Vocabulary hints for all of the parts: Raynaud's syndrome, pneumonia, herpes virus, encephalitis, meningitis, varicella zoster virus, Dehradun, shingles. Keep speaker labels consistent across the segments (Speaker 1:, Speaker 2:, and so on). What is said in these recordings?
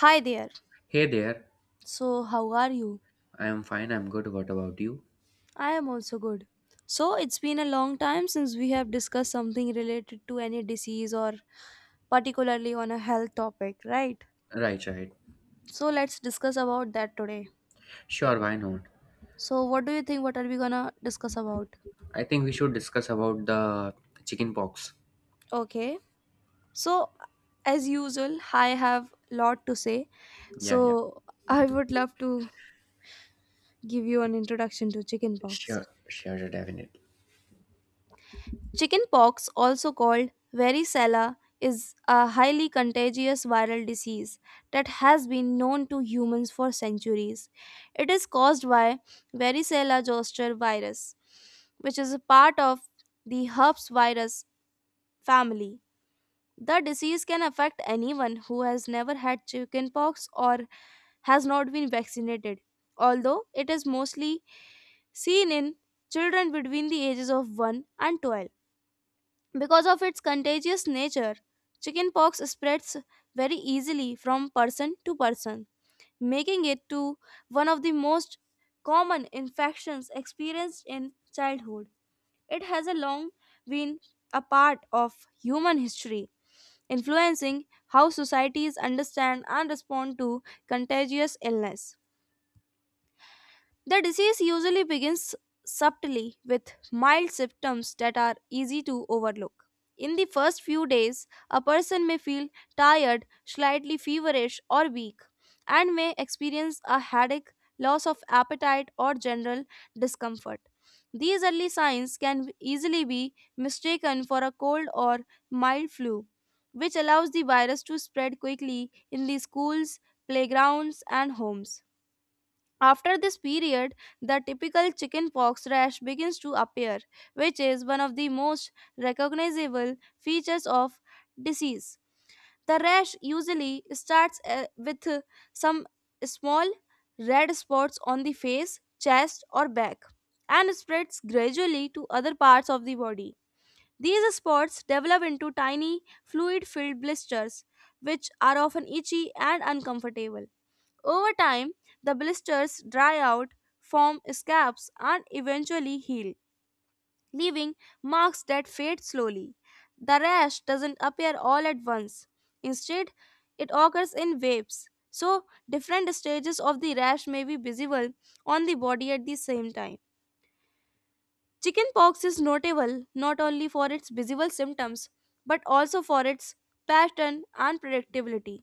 Speaker 1: Hi there.
Speaker 2: Hey there.
Speaker 1: So, how are you?
Speaker 2: I'm fine. I'm good. What about you?
Speaker 1: I am also good. So, it's been a long time since we have discussed something related to any disease or particularly on a health topic, right?
Speaker 2: Right, right.
Speaker 1: So, let's discuss about that today.
Speaker 2: Sure, why not?
Speaker 1: So, what do you think what are we going to discuss about?
Speaker 2: I think we should discuss about the chicken pox.
Speaker 1: Okay. So, as usual, I have lot to say.
Speaker 2: Yeah, yeah.
Speaker 1: So, I would love to give you an introduction to chickenpox.
Speaker 2: Sure, sure, sure, definitely.
Speaker 1: Chickenpox, also called varicella, is a highly contagious viral disease that has been known to humans for centuries. It is caused by varicella zoster virus, which is a part of the herpes virus family. The disease can affect anyone who has never had chickenpox or has not been vaccinated, although it is mostly seen in children between the ages of 1 and 12. Because of its contagious nature, chickenpox spreads very easily from person to person, making it to one of the most common infections experienced in childhood. It has a long been a part of human history, influencing how societies understand and respond to contagious illness. The disease usually begins subtly with mild symptoms that are easy to overlook. In the first few days, a person may feel tired, slightly feverish, or weak, and may experience a headache, loss of appetite, or general discomfort. These early signs can easily be mistaken for a cold or mild flu, which allows the virus to spread quickly in the schools, playgrounds, and homes. After this period, the typical chickenpox rash begins to appear, which is one of the most recognizable features of disease. The rash usually starts with some small red spots on the face, chest, or back and spreads gradually to other parts of the body. These spots develop into tiny fluid filled blisters, which are often itchy and uncomfortable. Over time, the blisters dry out, form scabs, and eventually heal, leaving marks that fade slowly. The rash doesn't appear all at once. Instead, it occurs in waves. So, different stages of the rash may be visible on the body at the same time. Chickenpox is notable not only for its visible symptoms but also for its pattern and predictability.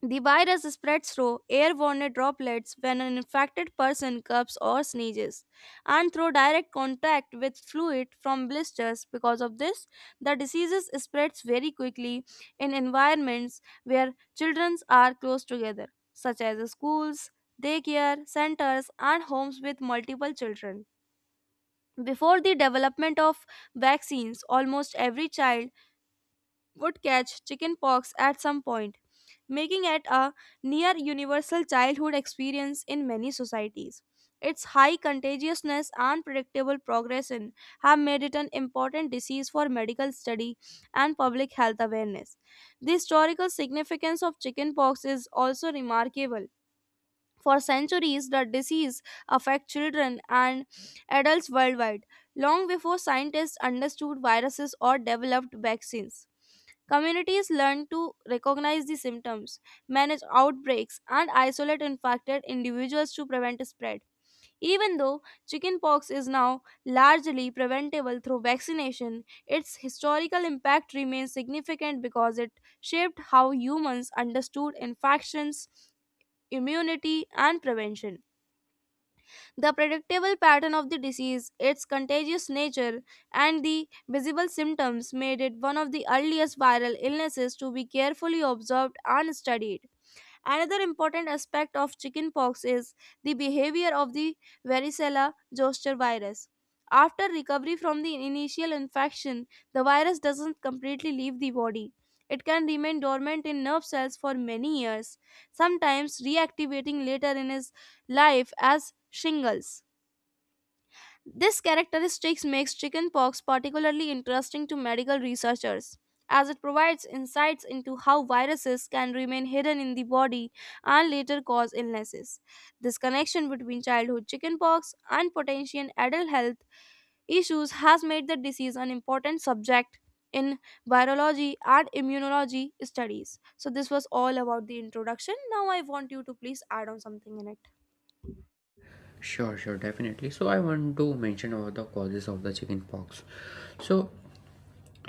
Speaker 1: The virus spreads through airborne droplets when an infected person coughs or sneezes, and through direct contact with fluid from blisters. Because of this, the disease spreads very quickly in environments where children are close together, such as schools, daycare centers, and homes with multiple children. Before the development of vaccines, almost every child would catch chickenpox at some point, making it a near universal childhood experience in many societies. Its high contagiousness and predictable progression have made it an important disease for medical study and public health awareness. The historical significance of chickenpox is also remarkable for centuries, the disease affected children and adults worldwide, long before scientists understood viruses or developed vaccines. Communities learned to recognize the symptoms, manage outbreaks, and isolate infected individuals to prevent spread. Even though chickenpox is now largely preventable through vaccination, its historical impact remains significant because it shaped how humans understood infections immunity, and prevention. The predictable pattern of the disease, its contagious nature, and the visible symptoms made it one of the earliest viral illnesses to be carefully observed and studied. Another important aspect of chickenpox is the behavior of the varicella zoster virus. After recovery from the initial infection, the virus doesn't completely leave the body. It can remain dormant in nerve cells for many years, sometimes reactivating later in his life as shingles. This characteristics makes chickenpox particularly interesting to medical researchers, as it provides insights into how viruses can remain hidden in the body and later cause illnesses. This connection between childhood chickenpox and potential adult health issues has made the disease an important subject in virology and immunology studies. So, this was all about the introduction. Now, I want you to please add on something in it.
Speaker 2: Sure, sure, definitely. So I want to mention about the causes of the chicken pox. So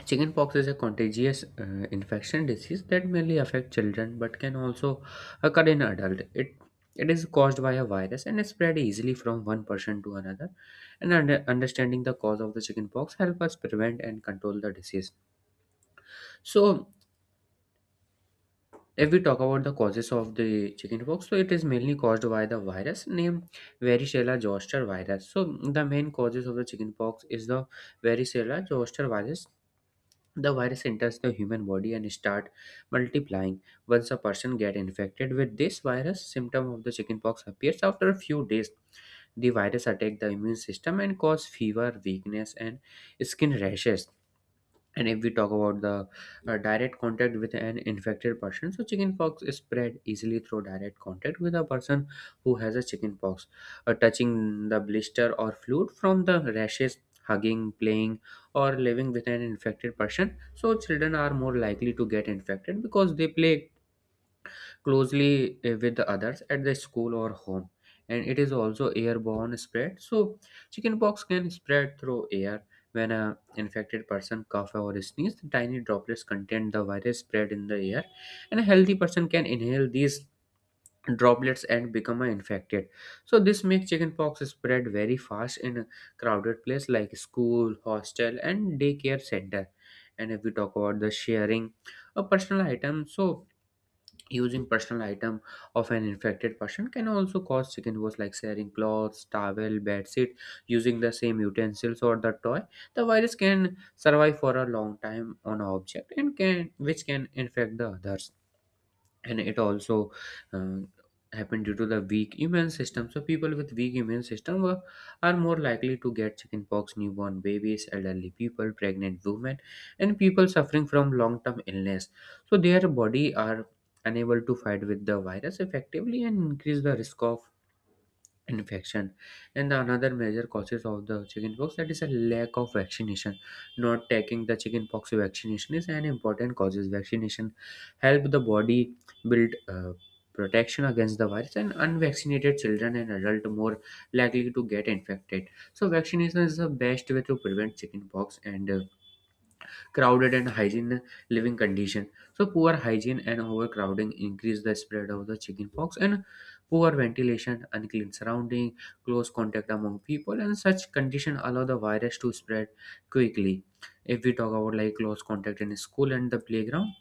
Speaker 2: chickenpox is a contagious infection disease that mainly affects children but can also occur in adults. It is caused by a virus and is spread easily from one person to another. And understanding the cause of the chickenpox help us prevent and control the disease. So, if we talk about the causes of the chickenpox, so it is mainly caused by the virus named varicella zoster virus. So, the main causes of the chickenpox is the varicella zoster virus. The virus enters the human body and start multiplying. Once a person get infected with this virus, symptom of the chickenpox appears after a few days. The virus attack the immune system and cause fever, weakness, and skin rashes. And if we talk about the direct contact with an infected person, so chickenpox is spread easily through direct contact with a person who has a chickenpox, touching the blister or fluid from the rashes, hugging, playing, or living with an infected person. So children are more likely to get infected because they play closely with the others at the school or home. And it is also airborne spread, so chickenpox can spread through air. When a infected person cough or sneeze, the tiny droplets contain the virus spread in the air, and a healthy person can inhale these droplets and become infected. So this makes chickenpox spread very fast in a crowded place like school, hostel, and daycare center. And if we talk about the sharing a personal item, so using personal item of an infected person can also cause chicken pox, like sharing clothes, towel, bedsheet, using the same utensils or the toy. The virus can survive for a long time on an object and can which can infect the others. And it also um, happened due to the weak immune system. So people with weak immune system are more likely to get chickenpox: newborn babies, elderly people, pregnant women, and people suffering from long-term illness. So their body are unable to fight with the virus effectively and increase the risk of infection. And the another major causes of the chickenpox, that is a lack of vaccination. Not taking the chickenpox vaccination is an important causes. Vaccination help the body build protection against the virus, and unvaccinated children and adult more likely to get infected. So vaccination is the best way to prevent chickenpox. And crowded and hygiene living condition, so poor hygiene and overcrowding increase the spread of the chickenpox. And poor ventilation, unclean surrounding, close contact among people, and such condition allow the virus to spread quickly. If we talk about like close contact in school and the playground,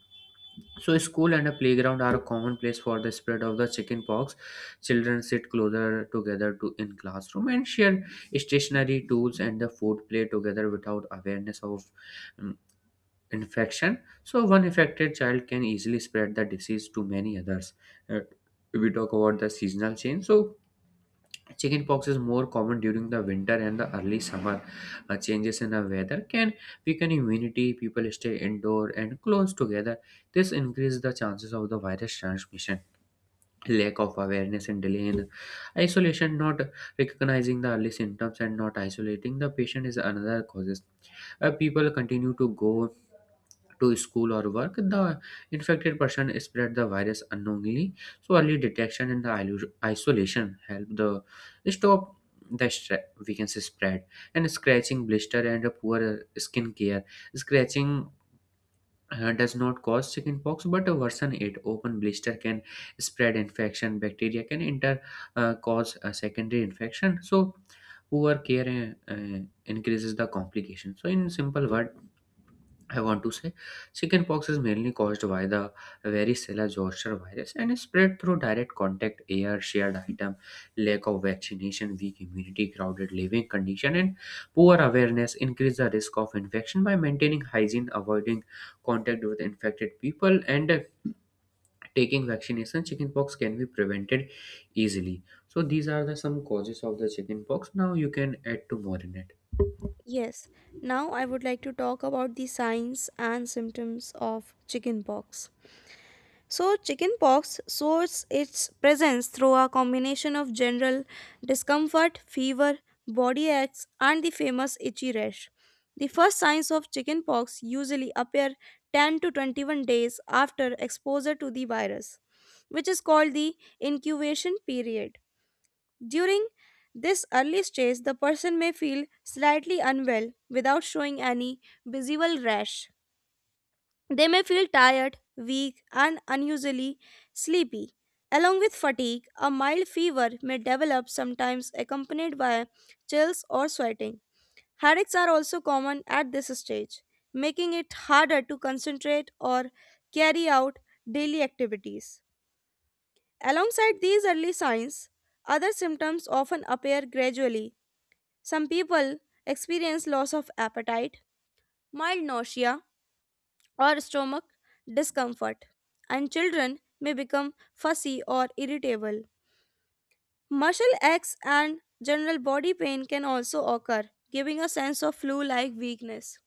Speaker 2: so school and a playground are a common place for the spread of the chickenpox. Children sit closer together to in classroom and share stationary tools and the food, play together without awareness of um, infection. So, one affected child can easily spread the disease to many others. Uh, we talk about the seasonal change. So, chickenpox is more common during the winter and the early summer. Changes in the weather can weaken immunity. People stay indoor and close together. This increases the chances of the virus transmission. Lack of awareness and delay in isolation, not recognizing the early symptoms and not isolating the patient is another causes. People continue to go to school or work, the infected person spread the virus unknowingly. So early detection and the isolation help the stop the we can say spread. And scratching blister and a poor skin care. Scratching does not cause chickenpox but worsen it. Open blister can spread infection. Bacteria can enter, cause a secondary infection. So poor care increases the complication. So in simple word, I want to say chickenpox is mainly caused by the varicella zoster virus and is spread through direct contact, air, shared item, lack of vaccination, weak immunity, crowded living condition, and poor awareness increase the risk of infection. By maintaining hygiene, avoiding contact with infected people, and taking vaccination, chickenpox can be prevented easily. So these are the some causes of the chickenpox. Now you can add to more in it.
Speaker 1: Yes, now I would like to talk about the signs and symptoms of chickenpox. So, chickenpox shows its presence through a combination of general discomfort, fever, body aches, and the famous itchy rash. The first signs of chickenpox usually appear 10 to 21 days after exposure to the virus, which is called the incubation period. During this early stage, the person may feel slightly unwell without showing any visible rash. They may feel tired, weak, and unusually sleepy. Along with fatigue, a mild fever may develop, sometimes accompanied by chills or sweating. Headaches are also common at this stage, making it harder to concentrate or carry out daily activities. Alongside these early signs, other symptoms often appear gradually some people experience loss of appetite, mild nausea, or stomach discomfort, and children may become fussy or irritable. Muscle aches and general body pain can also occur, giving a sense of flu like weakness.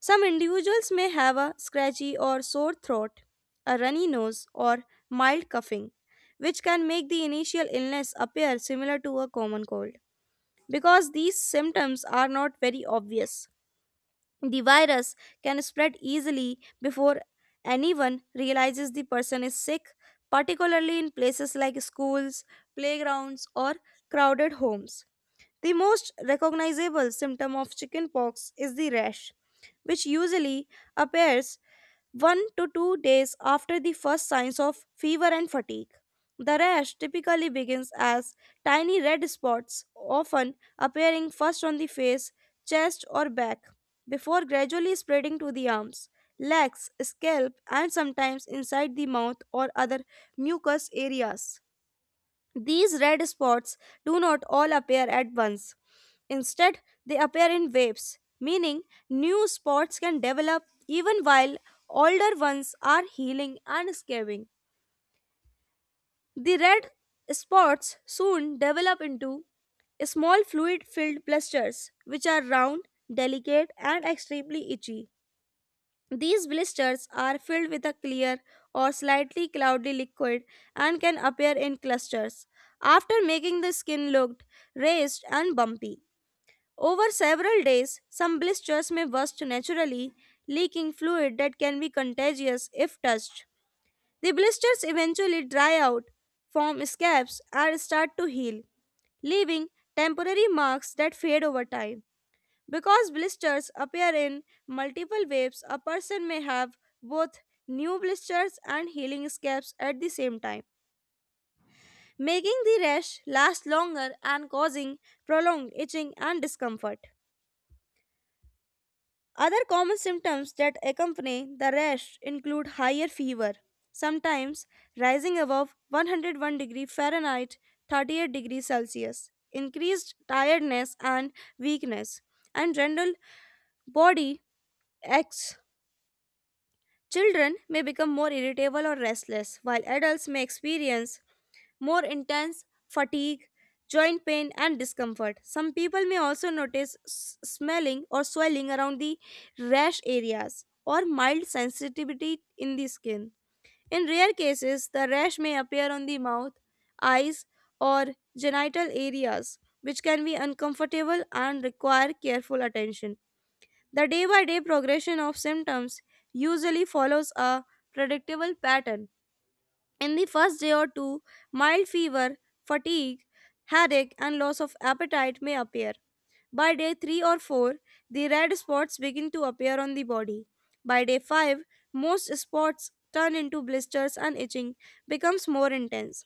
Speaker 1: Some individuals may have a scratchy or sore throat, a runny nose, or mild coughing, which can make the initial illness appear similar to a common cold because these symptoms are not very obvious. The virus can spread easily before anyone realizes the person is sick, particularly in places like schools, playgrounds, or crowded homes. The most recognizable symptom of chickenpox is the rash, which usually appears 1 to 2 days after the first signs of fever and fatigue. The rash typically begins as tiny red spots, often appearing first on the face, chest, or back, before gradually spreading to the arms, legs, scalp, and sometimes inside the mouth or other mucous areas. These red spots do not all appear at once. Instead, they appear in waves, meaning new spots can develop even while older ones are healing and scabbing. The red spots soon develop into small fluid filled blisters, which are round, delicate, and extremely itchy. These blisters are filled with a clear or slightly cloudy liquid and can appear in clusters, after making the skin look raised and bumpy. Over several days, some blisters may burst naturally, leaking fluid that can be contagious if touched. The blisters eventually dry out, form scabs, and start to heal, leaving temporary marks that fade over time. Because blisters appear in multiple waves, a person may have both new blisters and healing scabs at the same time, making the rash last longer and causing prolonged itching and discomfort. Other common symptoms that accompany the rash include higher fever, sometimes rising above 101-degree Fahrenheit, 38 degrees Celsius, increased tiredness and weakness, and general body aches. Children may become more irritable or restless, while adults may experience more intense fatigue, joint pain, and discomfort. Some people may also notice smelling or swelling around the rash areas or mild sensitivity in the skin. In rare cases, the rash may appear on the mouth, eyes, or genital areas, which can be uncomfortable and require careful attention. The day by day progression of symptoms usually follows a predictable pattern. In the first day or two, mild fever, fatigue, headache, and loss of appetite may appear. By day 3 or 4, the red spots begin to appear on the body. By day 5, most spots turn into blisters and itching becomes more intense.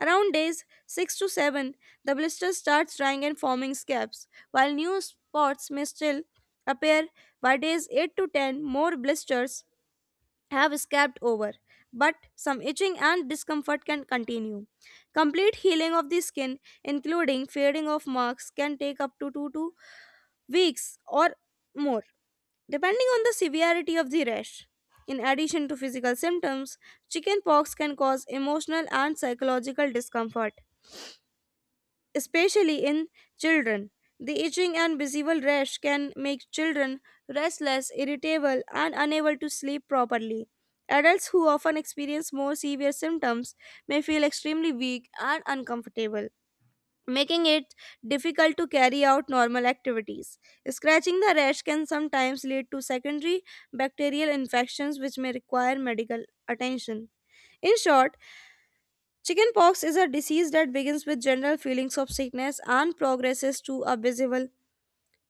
Speaker 1: Around days 6 to 7, the blisters start drying and forming scabs, while new spots may still appear by days 8 to 10, more blisters have scabbed over, but some itching and discomfort can continue. Complete healing of the skin, including fading of marks, can take up to 2 to weeks or more, depending on the severity of the rash. In addition to physical symptoms, chickenpox can cause emotional and psychological discomfort especially in children. The itching and visible rash can make children restless, irritable, and unable to sleep properly. Adults who often experience more severe symptoms may feel extremely weak and uncomfortable, making it difficult to carry out normal activities. Scratching the rash can sometimes lead to secondary bacterial infections, which may require medical attention. In short, chickenpox is a disease that begins with general feelings of sickness and progresses to a visible,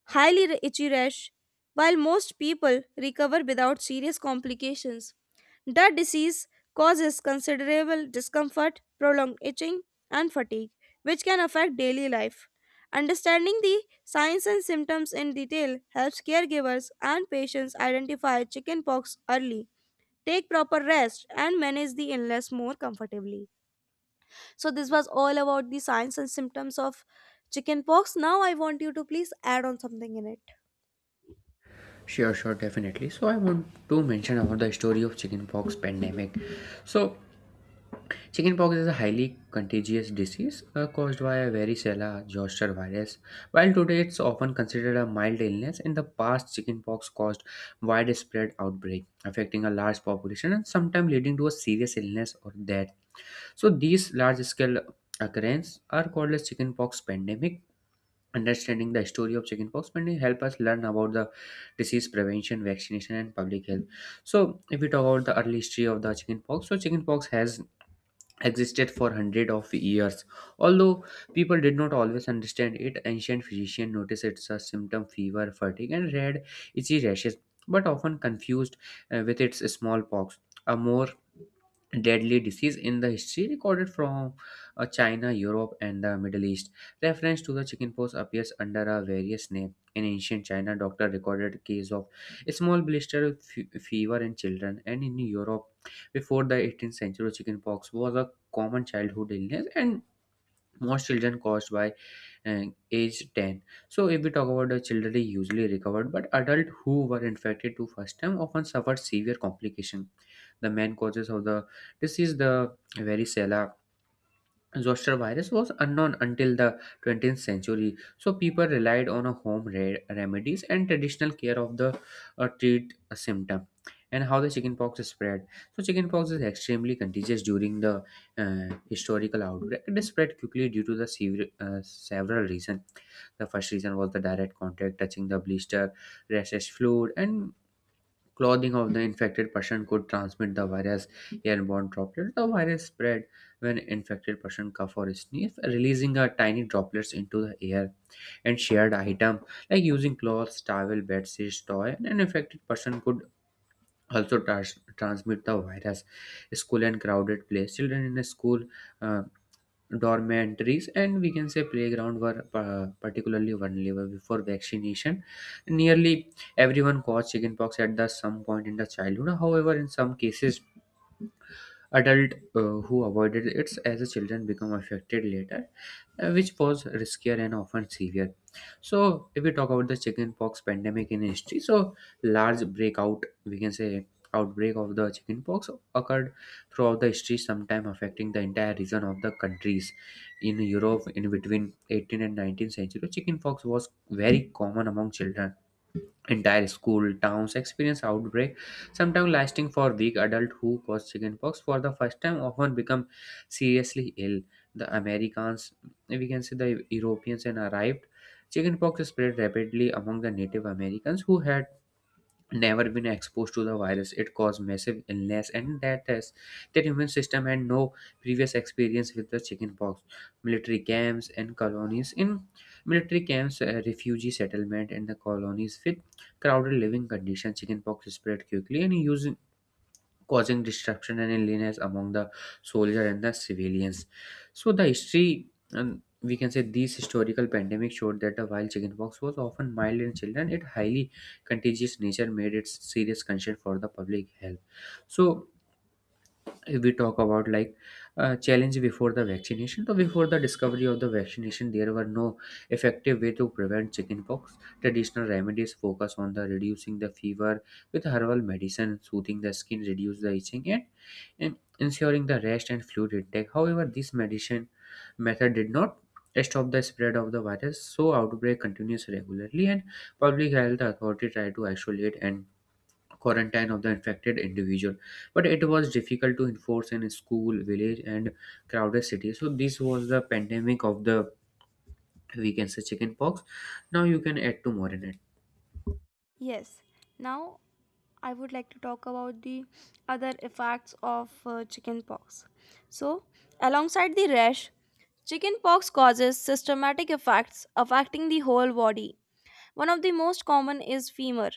Speaker 1: highly itchy rash. While most people recover without serious complications, the disease causes considerable discomfort, prolonged itching, and fatigue, which can affect daily life. Understanding the signs and symptoms in detail helps caregivers and patients identify chickenpox early, take proper rest, and manage the illness more comfortably. So this was all about the signs and symptoms of chickenpox. Now I want you to please add on something in it.
Speaker 2: Sure, sure, definitely. So I want to mention about the story of chickenpox pandemic. So chickenpox is a highly contagious disease caused by a varicella zoster virus. While today it's often considered a mild illness, in the past chickenpox caused widespread outbreak, affecting a large population and sometimes leading to a serious illness or death. So these large-scale occurrences are called as chickenpox pandemic. Understanding the story of chickenpox may help us learn about the disease prevention, vaccination, and public health. So, if we talk about the early history of the chickenpox, so chickenpox has existed for hundreds of years. Although people did not always understand it, ancient physicians noticed it's a symptom fever, fatigue, and red, itchy rashes, but often confused with its smallpox, a more deadly disease in the history, recorded from China, Europe, and the Middle East. Reference to the chickenpox appears under a various name. In ancient China, doctor recorded case of a small blister with fever in children, and in Europe before the 18th century, chickenpox was a common childhood illness, and most children caused by uh, age 10. So, if we talk about the children, they usually recovered, but adults who were infected to first time often suffered severe complication. The main causes of the disease, the varicella zoster virus was unknown until the 20th century, so people relied on a home remedies and traditional care of the treat a symptom. And how the chickenpox spread. So chickenpox is extremely contagious during the historical outbreak. It spread quickly due to the several reasons. The first reason was the direct contact, touching the blister, rhesus fluid, and clothing of the infected person could transmit the virus. Airborne droplets: the virus spread when infected person cough or sneeze, releasing a tiny droplets into the air. And shared item like using cloths, towel, bedsheets, toy. And an infected person could also transmit the virus. School and crowded place: children in a school, uh, dormitories, and we can say playground were particularly vulnerable. Before vaccination, nearly everyone caught chickenpox at the some point in the childhood. However, in some cases, adult who avoided it as a children become affected later, which was riskier and often severe. So if we talk about the chickenpox pandemic in history, so large breakout, we can say outbreak of the chickenpox occurred throughout the history, sometime affecting the entire region of the countries. In Europe, in between 18th and 19th century, chickenpox was very common among children. Entire school towns experience outbreak, sometimes lasting for week. Adult who cause chickenpox for the first time often become seriously ill. The Americans, we can say the Europeans, and arrived. Chickenpox spread rapidly among the Native Americans who had never been exposed to the virus. It caused massive illness and death as their immune system had no previous experience with the chickenpox. Military camps and colonies: in military camps, refugee settlement, and the colonies with crowded living conditions, chickenpox spread quickly and used causing disruption and illness among the soldier and the civilians. So the history, and we can say these historical pandemic, showed that the wild chickenpox was often mild in children, its highly contagious nature made it serious concern for the public health. So if we talk about like challenge before the vaccination, so before the discovery of the vaccination there were no effective way to prevent chickenpox. Traditional remedies focus on the reducing the fever with herbal medicine, soothing the skin, reduce the itching, and ensuring the rest and fluid intake. However, this medicine method did not stop the spread of the virus. So outbreak continues regularly, and public health authority try to isolate and quarantine of the infected individual, but it was difficult to enforce in school, village, and crowded city. So this was the pandemic of the, we can say, chicken pox. Now you can add to more in
Speaker 1: Yes. Now I would like to talk about the other effects of chickenpox. So, alongside the rash, chickenpox causes systematic effects affecting the whole body. One of the most common is fever,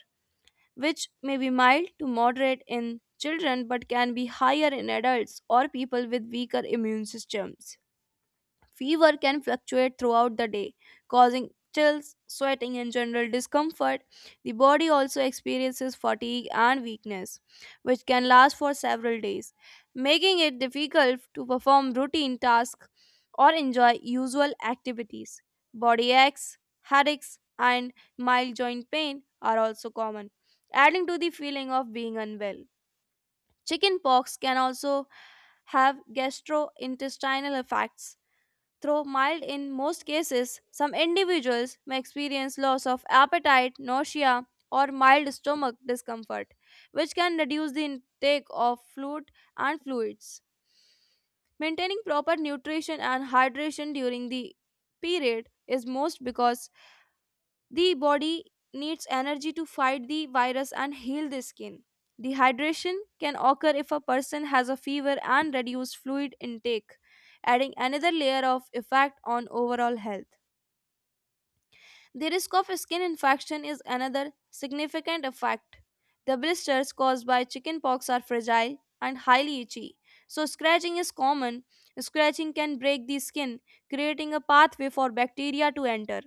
Speaker 1: which may be mild to moderate in children but can be higher in adults or people with weaker immune systems. Fever can fluctuate throughout the day, causing chills, sweating, and general discomfort. The body also experiences fatigue and weakness, which can last for several days, making it difficult to perform routine tasks or enjoy usual activities. Body aches, headaches, and mild joint pain are also common, adding to the feeling of being unwell. Chicken pox can also have gastrointestinal effects. Though mild in most cases, some individuals may experience loss of appetite, nausea, or mild stomach discomfort, which can reduce the intake of fluid and fluids. Maintaining proper nutrition and hydration during the period is most because the body needs energy to fight the virus and heal the skin. Dehydration can occur if a person has a fever and reduced fluid intake, adding another layer of effect on overall health. The risk of skin infection is another significant effect. The blisters caused by chickenpox are fragile and highly itchy. So, scratching is common. Scratching can break the skin, creating a pathway for bacteria to enter.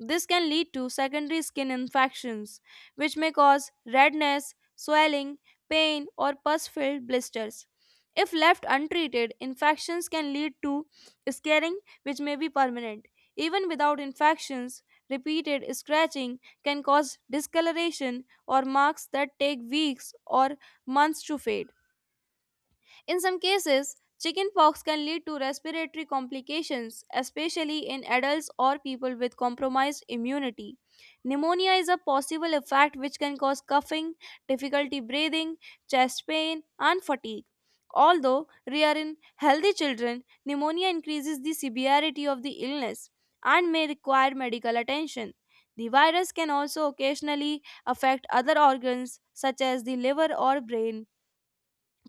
Speaker 1: This can lead to secondary skin infections, which may cause redness, swelling, pain, or pus filled blisters. If left untreated, infections can lead to scarring, which may be permanent. Even without infections, repeated scratching can cause discoloration or marks that take weeks or months to fade. In some cases, chickenpox can lead to respiratory complications, especially in adults or people with compromised immunity. Pneumonia is a possible effect which can cause coughing, difficulty breathing, chest pain, and fatigue. Although rare in healthy children, pneumonia increases the severity of the illness and may require medical attention. The virus can also occasionally affect other organs such as the liver or brain,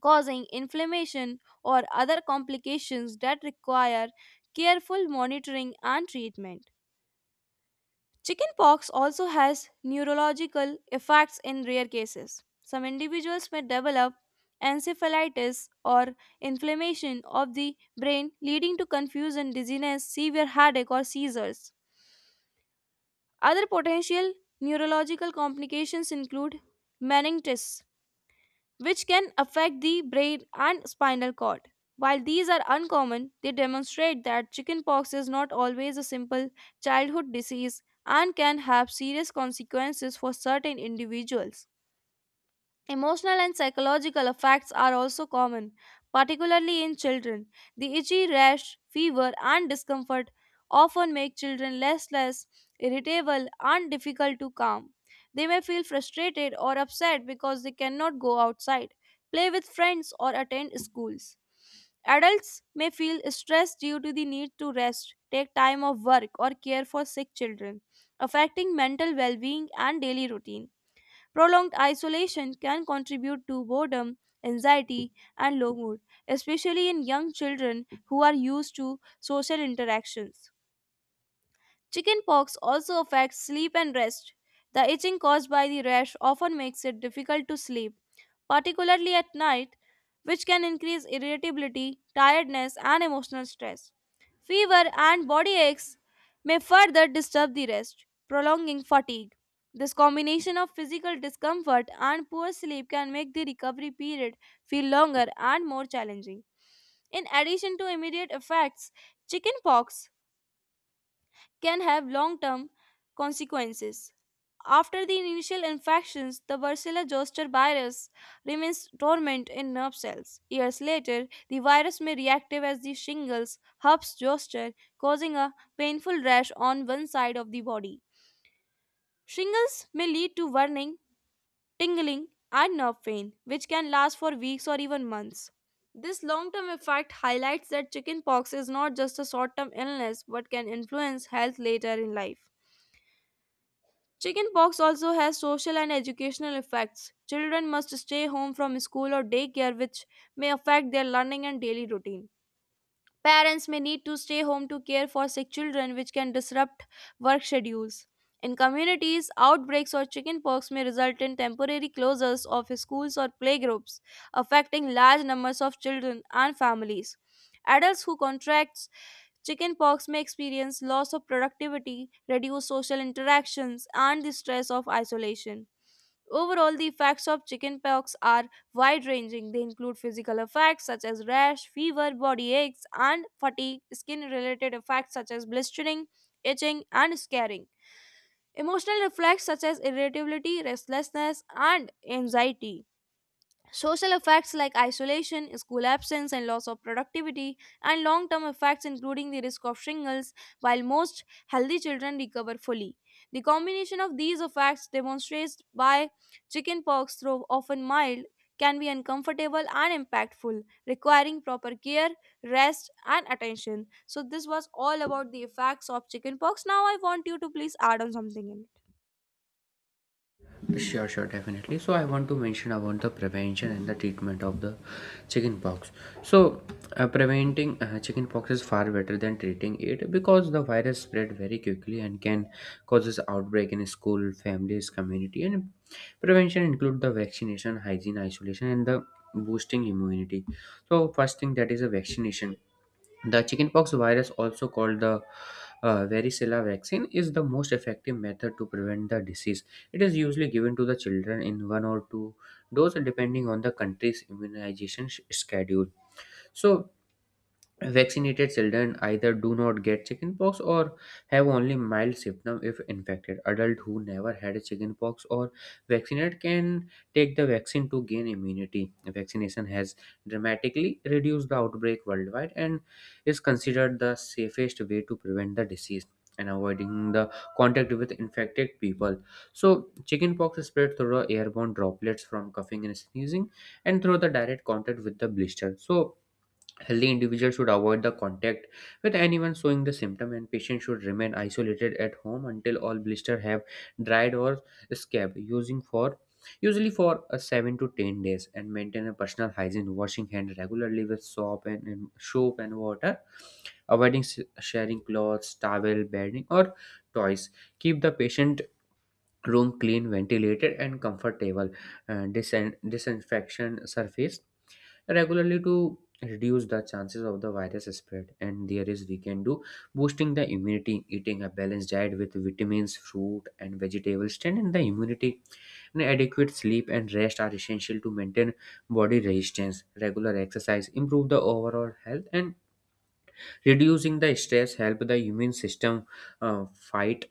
Speaker 1: causing inflammation or other complications that require careful monitoring and treatment. Chickenpox also has neurological effects in rare cases. Some individuals may develop encephalitis or inflammation of the brain, leading to confusion, dizziness, severe headache, or seizures. Other potential neurological complications include meningitis, which can affect the brain and spinal cord. While these are uncommon, they demonstrate that chickenpox is not always a simple childhood disease and can have serious consequences for certain individuals. Emotional and psychological effects are also common, particularly in children. The itchy rash, fever, and discomfort often make children restless, irritable, and difficult to calm. They may feel frustrated or upset because they cannot go outside, play with friends, or attend schools. Adults may feel stressed due to the need to rest, take time off work, or care for sick children, affecting mental well being and daily routine. Prolonged isolation can contribute to boredom, anxiety, and low mood, especially in young children who are used to social interactions. Chickenpox also affects sleep and rest. The itching caused by the rash often makes it difficult to sleep, particularly at night, which can increase irritability, tiredness, and emotional stress. Fever and body aches may further disturb the rest, prolonging fatigue. This combination of physical discomfort and poor sleep can make the recovery period feel longer and more challenging. In addition to immediate effects, chickenpox can have long term consequences. After the initial infections, the Varicella zoster virus remains dormant in nerve cells. Years later, the virus may reactive as the shingles herpes zoster, causing a painful rash on one side of the body. Shingles may lead to burning, tingling, and nerve pain, which can last for weeks or even months. This long term effect highlights that chickenpox is not just a short term illness but can influence health later in life. Chickenpox also has social and educational effects. Children must stay home from school or daycare, which may affect their learning and daily routine. Parents may need to stay home to care for sick children, which can disrupt work schedules. In communities, outbreaks of chickenpox may result in temporary closures of schools or playgroups, affecting large numbers of children and families. Adults who contract chickenpox may experience loss of productivity, reduced social interactions, and the stress of isolation. Overall, the effects of chickenpox are wide ranging. They include physical effects such as rash, fever, body aches, and fatigue, skin related effects such as blistering, itching, and scarring, emotional effects such as irritability, restlessness, and anxiety. Social effects like isolation, school absence, and loss of productivity, and long term effects including the risk of shingles, while most healthy children recover fully. The combination of these effects demonstrates why chickenpox, though often mild, can be uncomfortable and impactful, requiring proper care, rest, and attention. So, this was all about the effects of chickenpox. Now, I want you to please add on something in it.
Speaker 2: it. Sure, sure, definitely. So I want to mention about the prevention and the treatment of the chickenpox. So preventing chicken is far better than treating it because the virus spread very quickly and can causes outbreak in school, families, community. And prevention include the vaccination, hygiene, isolation, and the boosting immunity. So first thing that is a vaccination. The chickenpox virus, also called the varicella vaccine, is the most effective method to prevent the disease. It is usually given to the children in one or two doses, depending on the country's immunization schedule. So Vaccinated children either do not get chickenpox or have only mild symptoms if infected. Adults who never had chickenpox or vaccinated can take the vaccine to gain immunity. Vaccination has dramatically reduced the outbreak worldwide and is considered the safest way to prevent the disease and avoiding the contact with infected people. So, chickenpox is spread through airborne droplets from coughing and sneezing and through the direct contact with the blister. So, healthy individuals should avoid the contact with anyone showing the symptom, and patients should remain isolated at home until all blister have dried or scabbed, using for usually for a 7 to 10 days, and maintain a personal hygiene, washing hand regularly with soap and soap and water, avoiding sharing clothes, towel, bedding, or toys. Keep the patient room clean, ventilated, and comfortable. Disinfection surface regularly to reduce the chances of the virus spread, and there is we can do boosting the immunity, eating a balanced diet with vitamins, fruit and vegetables strengthening the immunity, and adequate sleep and rest are essential to maintain body resistance. Regular exercise improve the overall health, and reducing the stress help the immune system fight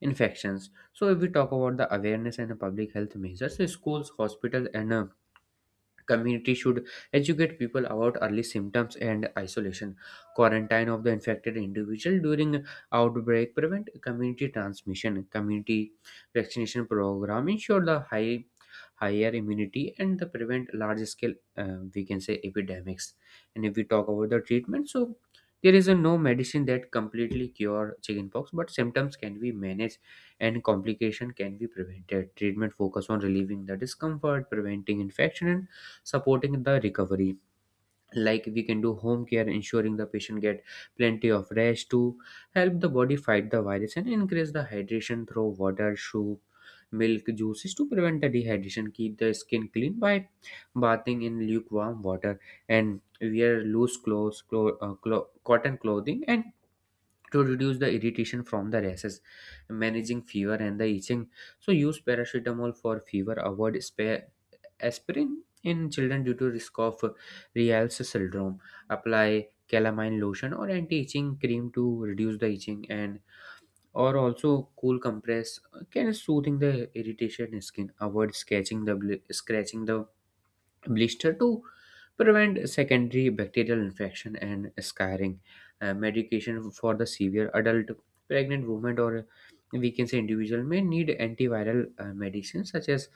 Speaker 2: infections. So if we talk about the awareness and the public health measures, so schools, hospitals and community should educate people about early symptoms and isolation. Quarantine of the infected individual during outbreak prevent community transmission. Community vaccination program ensure the higher immunity and the prevent large scale we can say epidemics. And if we talk about the treatment, so there is a no medicine that completely cure chickenpox, but symptoms can be managed and complication can be prevented. Treatment focus on relieving the discomfort, preventing infection, and supporting the recovery. Like, we can do home care, ensuring the patient get plenty of rest to help the body fight the virus, and increase the hydration through water, soup, milk, juices to prevent the dehydration. Keep the skin clean by bathing in lukewarm water and wear loose cotton clothing and to reduce the irritation from the rashes. Managing fever and the itching, so use paracetamol for fever, avoid spa aspirin in children due to risk of Raynaud's syndrome. Apply calamine lotion or anti-itching cream to reduce the itching, and or also cool compress can soothing the irritation in skin. Avoid scratching the blister to prevent secondary bacterial infection and scarring. Medication for the severe adult, pregnant woman, or we can say individual may need antiviral medicines such as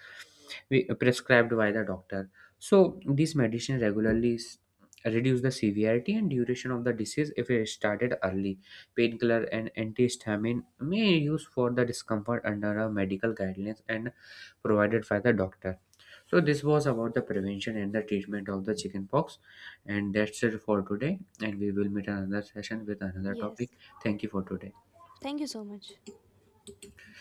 Speaker 2: prescribed by the doctor. So these medicines regularly reduce the severity and duration of the disease if it started early. Painkiller and antihistamine may use for the discomfort under a medical guidelines and provided by the doctor. So this was about the prevention and the treatment of the chickenpox, and that's it for today. And we will meet another session with another
Speaker 1: Yes.
Speaker 2: topic. Thank you for today.
Speaker 1: Thank you so much.